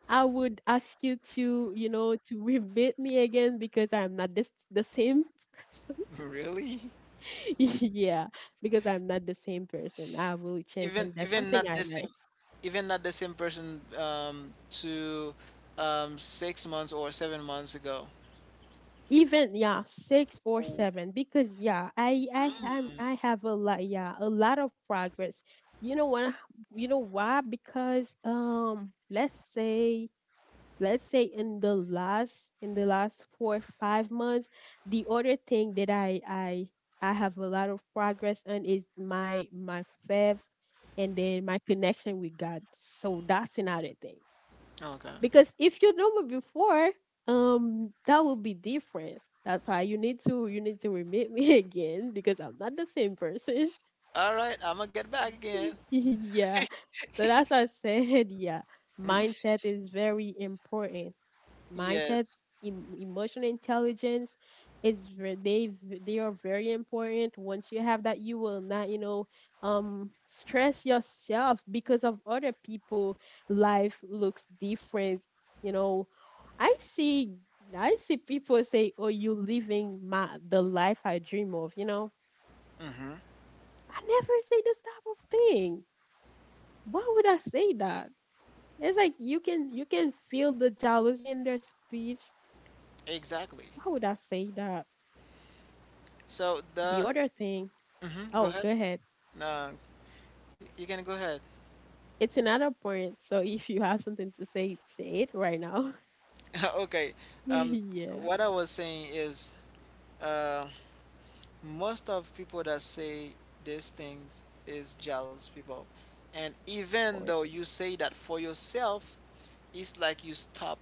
S1: I would ask you to you know to rebate me again because I'm not this the same person.
S2: really,
S1: Yeah, because I'm not the same person. I will change,
S2: even
S1: and that's
S2: even
S1: something
S2: not the
S1: I
S2: same,
S1: like.
S2: even not the same person to 6 months or 7 months ago.
S1: Even yeah, six or
S2: Oh.
S1: seven, because yeah,
S2: Mm.
S1: I have a lot, yeah, a lot of progress. You know what? You know why? Because let's say in the last 4 or 5 months, the other thing that I have a lot of progress on is my my faith and then my connection with God. So that's another thing.
S2: Okay.
S1: Because if you know me before that will be different. That's why you need to remit me again because I'm not the same person.
S2: All right, I'm gonna get back again.
S1: Yeah, so that's what I said. Yeah,
S2: Hmm.
S1: mindset is very important. Mindset,
S2: Yes.
S1: emotional intelligence, its they are very important. Once you have that, you will not, you know, stress yourself because of other people. Life looks different. You know, I see people say, "Oh, you living my the life I dream of." You know,
S2: Mm-hmm.
S1: I never say this type of thing. Why would I say that? It's like you can feel the jealousy in their speech.
S2: Exactly.
S1: Why would I say that?
S2: So
S1: The
S2: the
S1: other thing,
S2: mm-hmm, go
S1: oh,
S2: ahead.
S1: go ahead.
S2: No, you can go ahead.
S1: It's another point. So if you have something to say, say it right now.
S2: Okay. Um,
S1: Yeah,
S2: what I was saying is, uh, most of people that say these things is jealous people, and
S1: of
S2: even though
S1: course.
S2: you say that for yourself, it's like you stop.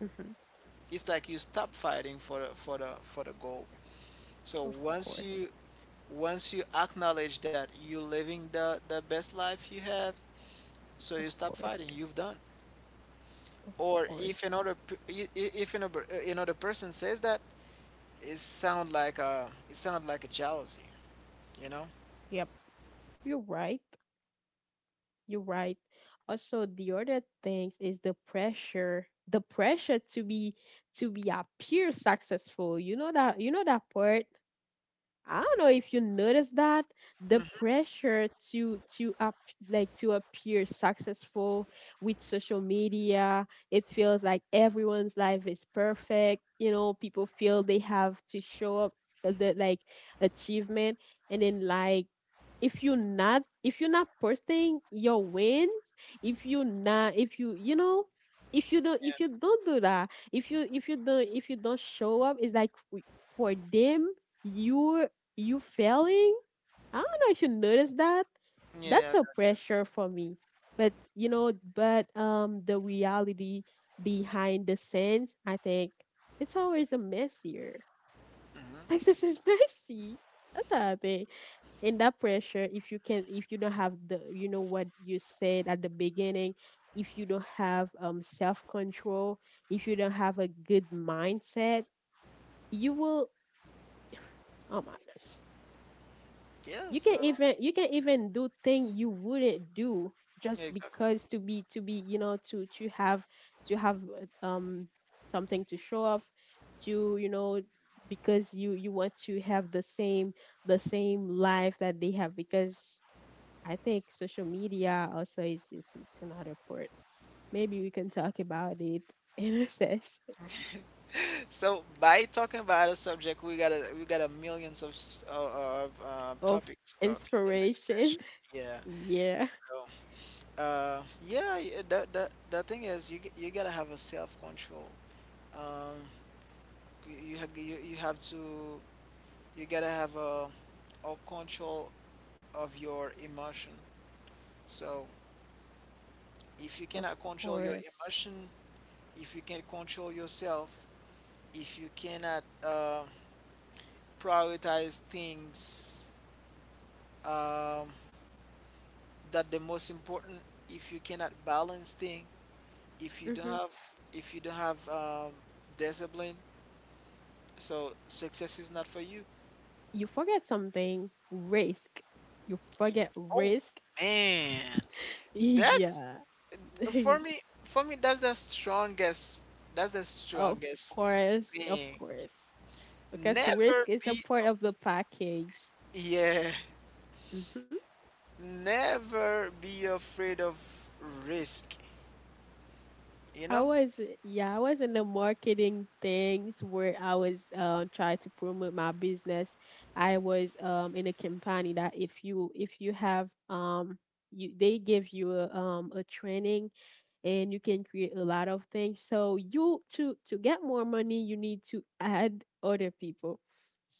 S1: Hmm.
S2: It's like you stop fighting for the goal. So
S1: Of
S2: once
S1: course.
S2: you once you acknowledge that you're living the best life you have, so you
S1: Of
S2: stop
S1: course.
S2: fighting, you've done.
S1: Of
S2: Or
S1: course.
S2: if another p- I- if another, another person says that, it sound like a it sound like a jealousy, you know?
S1: Yep. You're right. You're right. Also, the other thing is the pressure. The pressure to be, appear successful. You know that part, I don't know if you notice that, the
S2: Hmm.
S1: pressure to up like to appear successful with social media, it feels like everyone's life is perfect. You know, people feel they have to show up the like achievement, and then like if you're not posting your wins, if you you know if you don't do that, if you don't show up, it's like for them you, you failing? I don't know if you noticed that.
S2: Yeah,
S1: That's
S2: yeah.
S1: a pressure for me. But you know, but the reality behind the scenes, I think it's always a messier.
S2: Hmm.
S1: Success is messy. That's how I think. And that pressure, if you can if you don't have the you know what you said at the beginning, if you don't have self control, if you don't have a good mindset, you will, oh my gosh.
S2: Yeah.
S1: you can
S2: So
S1: even You can even do things you wouldn't do
S2: yeah,
S1: just
S2: exactly.
S1: because to be you know to have to have uh, um something to show off to you know, because you want to have the same, life that they have, because I think social media also is another part. Maybe we can talk about it in a session
S2: So by talking about a subject, we got a millions of
S1: of
S2: topics to talk in the next
S1: inspiration.
S2: sessions. Yeah.
S1: Yeah,
S2: so Uh, yeah, the thing is, you gotta have a self control. Um, you have to you gotta have a control of your emotion. So if you
S1: of
S2: cannot control your
S1: course.
S2: emotion, if you can control yourself, if you cannot prioritize things um, that the most important, if you cannot balance things, if you don't
S1: Mm-hmm.
S2: have if you don't have discipline, so success is not for you.
S1: You forget something, risk. You
S2: Ye-
S1: forget
S2: Oh
S1: risk.
S2: man. That's
S1: Yeah.
S2: for me. For me, that's the strongest. That's the
S1: Of
S2: strongest
S1: course, of
S2: thing.
S1: course. Because risk
S2: Never
S1: is a
S2: be,
S1: part of the package.
S2: yeah,
S1: Hmm.
S2: never be afraid of risk. You
S1: I
S2: know,
S1: was, yeah, I was in the marketing things where I was trying to promote my business. I was in a company that if you have you they give you a training, and you can create a lot of things. So you to get more money, you need to add other people.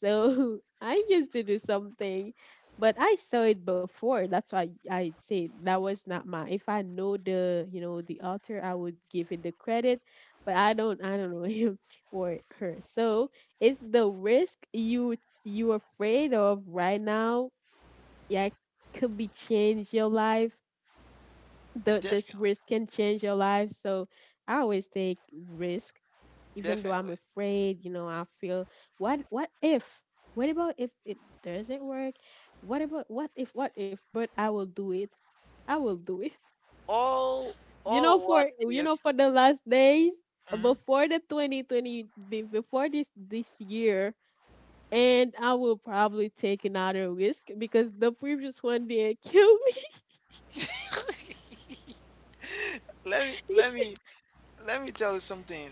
S1: So I used to do something, but I saw it before. That's why I say that was not mine. If I know the, you know, the author, I would give it the credit, but I don't. I don't know him or her. So it's the risk you are afraid of right now. Yeah, could be change your life, the this
S2: definitely,
S1: risk can change your life. So I always take risk, even though I'm
S2: definitely.
S1: afraid. You know, I feel what if? What about if it doesn't work? What about what if? But I will do it. I will do it.
S2: All,
S1: You know,
S2: all what
S1: for
S2: if?
S1: the last days
S2: Mhm.
S1: before the 2020, before this year, and I will probably take another risk because the previous one did kill me.
S2: Let me, let me, let me tell you something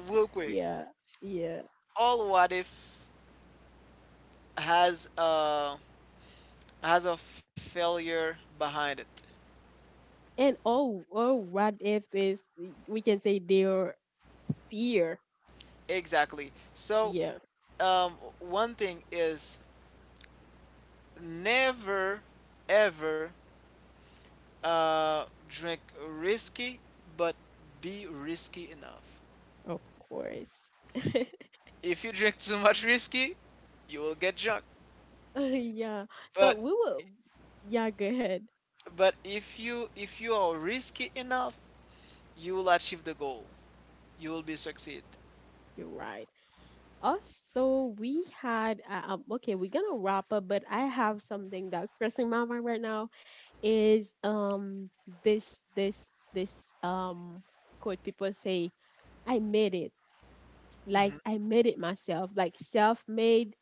S2: real quick.
S1: Yeah, yeah.
S2: All what if has has a failure behind it.
S1: And oh, oh, what if this? We can say their fear?
S2: Exactly. So,
S1: Yeah,
S2: um, one thing is never ever drink risky, but be risky enough.
S1: of course.
S2: If you drink too much risky, you will get drunk.
S1: Yeah. So
S2: But
S1: we will. Yeah, go ahead.
S2: if you are risky enough, you will achieve the goal. You will be succeed.
S1: You're right. Also, we had Okay, we're gonna wrap up, but I have something that crossing my mind right now is this this um quote people say, I made it. Like
S2: Hmm.
S1: I made it myself, like self-made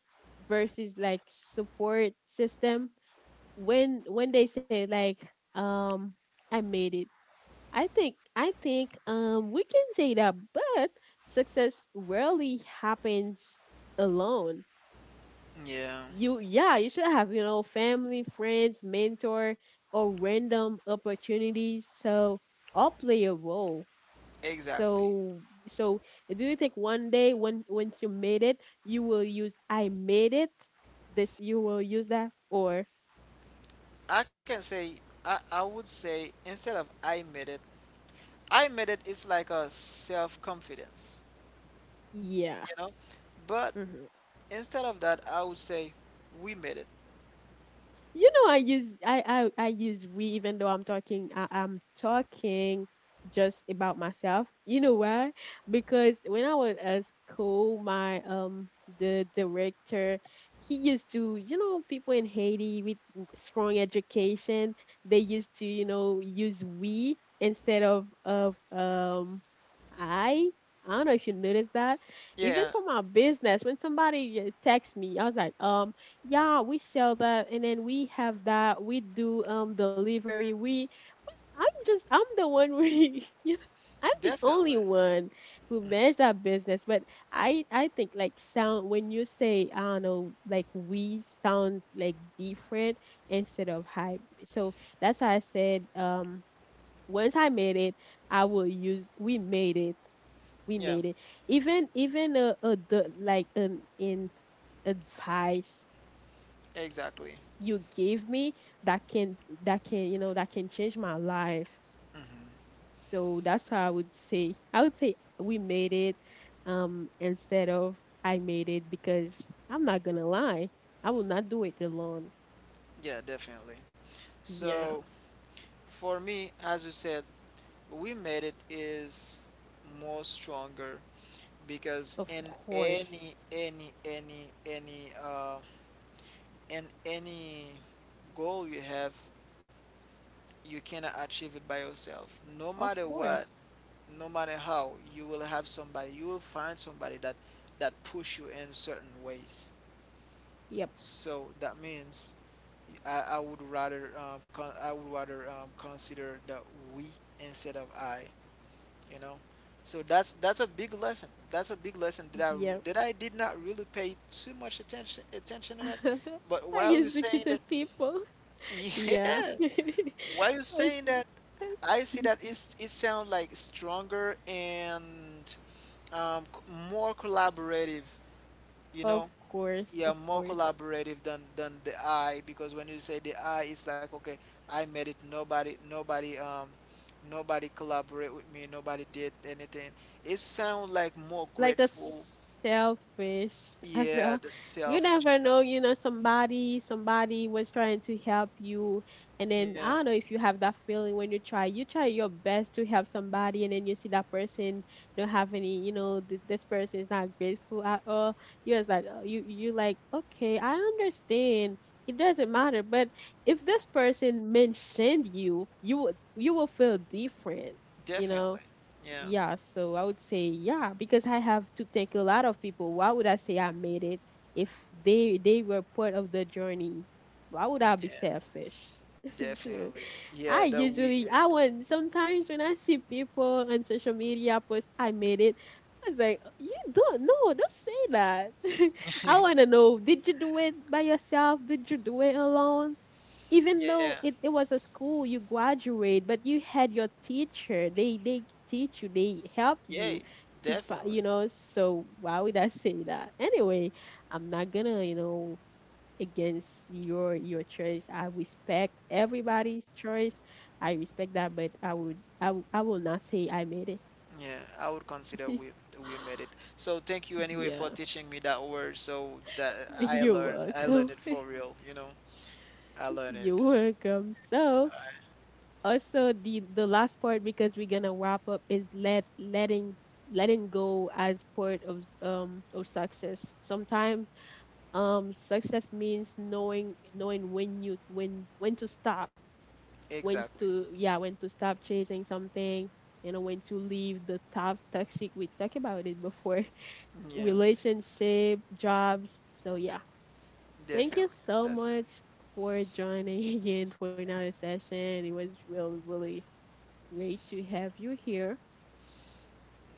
S1: versus like support system. When they say like um I made it, I think we can say that, but success rarely happens alone.
S2: Yeah,
S1: You— yeah, you should have, you know, family, friends, mentor, or random opportunities. So all play a role.
S2: exactly.
S1: So do you think one day when once you made it, you will use I made it? This you will use that or—
S2: I can say I would say instead of I made it, it's like a self confidence,
S1: yeah.
S2: you know? But
S1: Mm-hmm.
S2: instead of that, I would say we made it.
S1: You know, I use I— I use we even though I'm talking— I'm talking just about myself. You know why? Because when I was at school, my the director— he used to, you know, people in Haiti with strong education, they used to, you know, use we instead of I. I don't know if you noticed that. Even
S2: Yeah,
S1: for my business, when somebody texts me, I was like, yeah, we sell that, and then we have that. We do delivery. We— I'm just— I'm the one— we you know, I'm the
S2: definitely.
S1: only one who manage that business. But I think like sound when you say I don't know, like we sounds like different instead of hype. So that's why I said, once I made it, I will use we made it. We
S2: Yeah,
S1: made it. Even a— the, like, an in— advice
S2: exactly.
S1: you gave me that can— that can, you know, that can change my life.
S2: Hmm.
S1: So that's how I would say— I would say we made it, instead of I made it, because I'm not gonna lie, I will not do it alone.
S2: Yeah, definitely.
S1: Yeah,
S2: So for me, as you said, we made it is more stronger because
S1: of
S2: in
S1: course,
S2: any, in any goal you have, you cannot achieve it by yourself. No
S1: of
S2: matter what,
S1: course.
S2: no matter how, you will have somebody, you will find somebody that push you in certain ways.
S1: Yep,
S2: So that means I would rather I would rather consider the we instead of I, you know. So that's a big lesson, that's a big lesson that i
S1: yep.
S2: that i did not really pay too much attention on it, but
S1: I
S2: while you're
S1: used to
S2: saying
S1: kill
S2: that,
S1: people. Yeah,
S2: yeah, while you're
S1: I—
S2: saying that, I see that it sounds like stronger and more collaborative, you
S1: of
S2: know.
S1: course,
S2: Yeah,
S1: of
S2: more
S1: course.
S2: collaborative than the I, because when you say the I it's like, okay, I made it, nobody nobody collaborate with me, nobody did anything. It sounds like more
S1: Like a
S2: grateful.
S1: selfish, as well.
S2: Yeah, the
S1: You
S2: selfish
S1: never know,
S2: example.
S1: you know, somebody— somebody was trying to help you, and then
S2: Yeah,
S1: I don't know if you have that feeling when you try— you try your best to help somebody, and then you see that person don't have any, you know, this person is not grateful at all. You're just like, you— you like, okay, I understand. It doesn't matter, but if this person mentioned you, you would— you will feel different, you know.
S2: definitely. Yeah.
S1: Yeah, so I would say, yeah, because I have to thank a lot of people. Why would I say I made it if they— they were part of the journey? Why would I be
S2: Yeah,
S1: selfish? So
S2: definitely. Yeah,
S1: I
S2: the we
S1: usually—
S2: is
S1: I would sometimes when I see people on social media post I made it, I was like, you don't— no, don't say that. I wanna know, did you do it by yourself? Did you do it alone? Even
S2: yeah,
S1: though it was a school you graduate, but you had your teacher— they— they teach you, they help you
S2: yay,
S1: to
S2: definitely.
S1: you know. So why would I say that? Anyway, I'm not gonna, you know, against your choice. I respect everybody's choice. I respect that, but I would— I will not say I made it.
S2: Yeah, I would consider we made it. So thank you anyway for
S1: Yeah,
S2: teaching me that word. So that
S1: you're
S2: I
S1: welcome.
S2: learned it for real. You know, I learned
S1: You're
S2: it.
S1: welcome. So
S2: I,
S1: also the last part, because we're gonna wrap up, is let— letting go as part of success sometimes. Success means knowing— knowing when you— when to stop, when
S2: exactly.
S1: to— yeah, when to stop chasing something, you know, when to leave the top— toxic— we talked about it before.
S2: Yeah,
S1: Relationship, jobs, so yeah, thank
S2: definitely.
S1: you so
S2: That's
S1: much for joining again for another session. It was really, really great to have you here.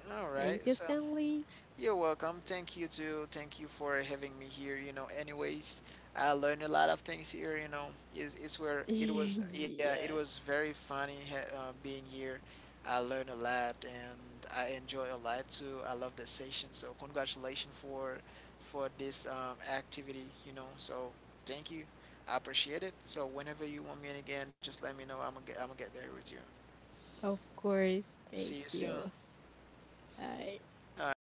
S2: it. All right.
S1: Thank you,
S2: So
S1: Stanley.
S2: you're welcome. Thank you too. Thank you for having me here. You know, anyways, I learned a lot of things here. You know, it's where it was. Yeah, it
S1: Yeah,
S2: was very funny being here. I learned a lot and I enjoy a lot too. I love the session. So congratulations for this activity. You know, so thank you. I appreciate it. So whenever you want me again, just let me know. I'm gonna get there with you.
S1: of course. Thank
S2: See you soon.
S1: you. I—
S2: All right.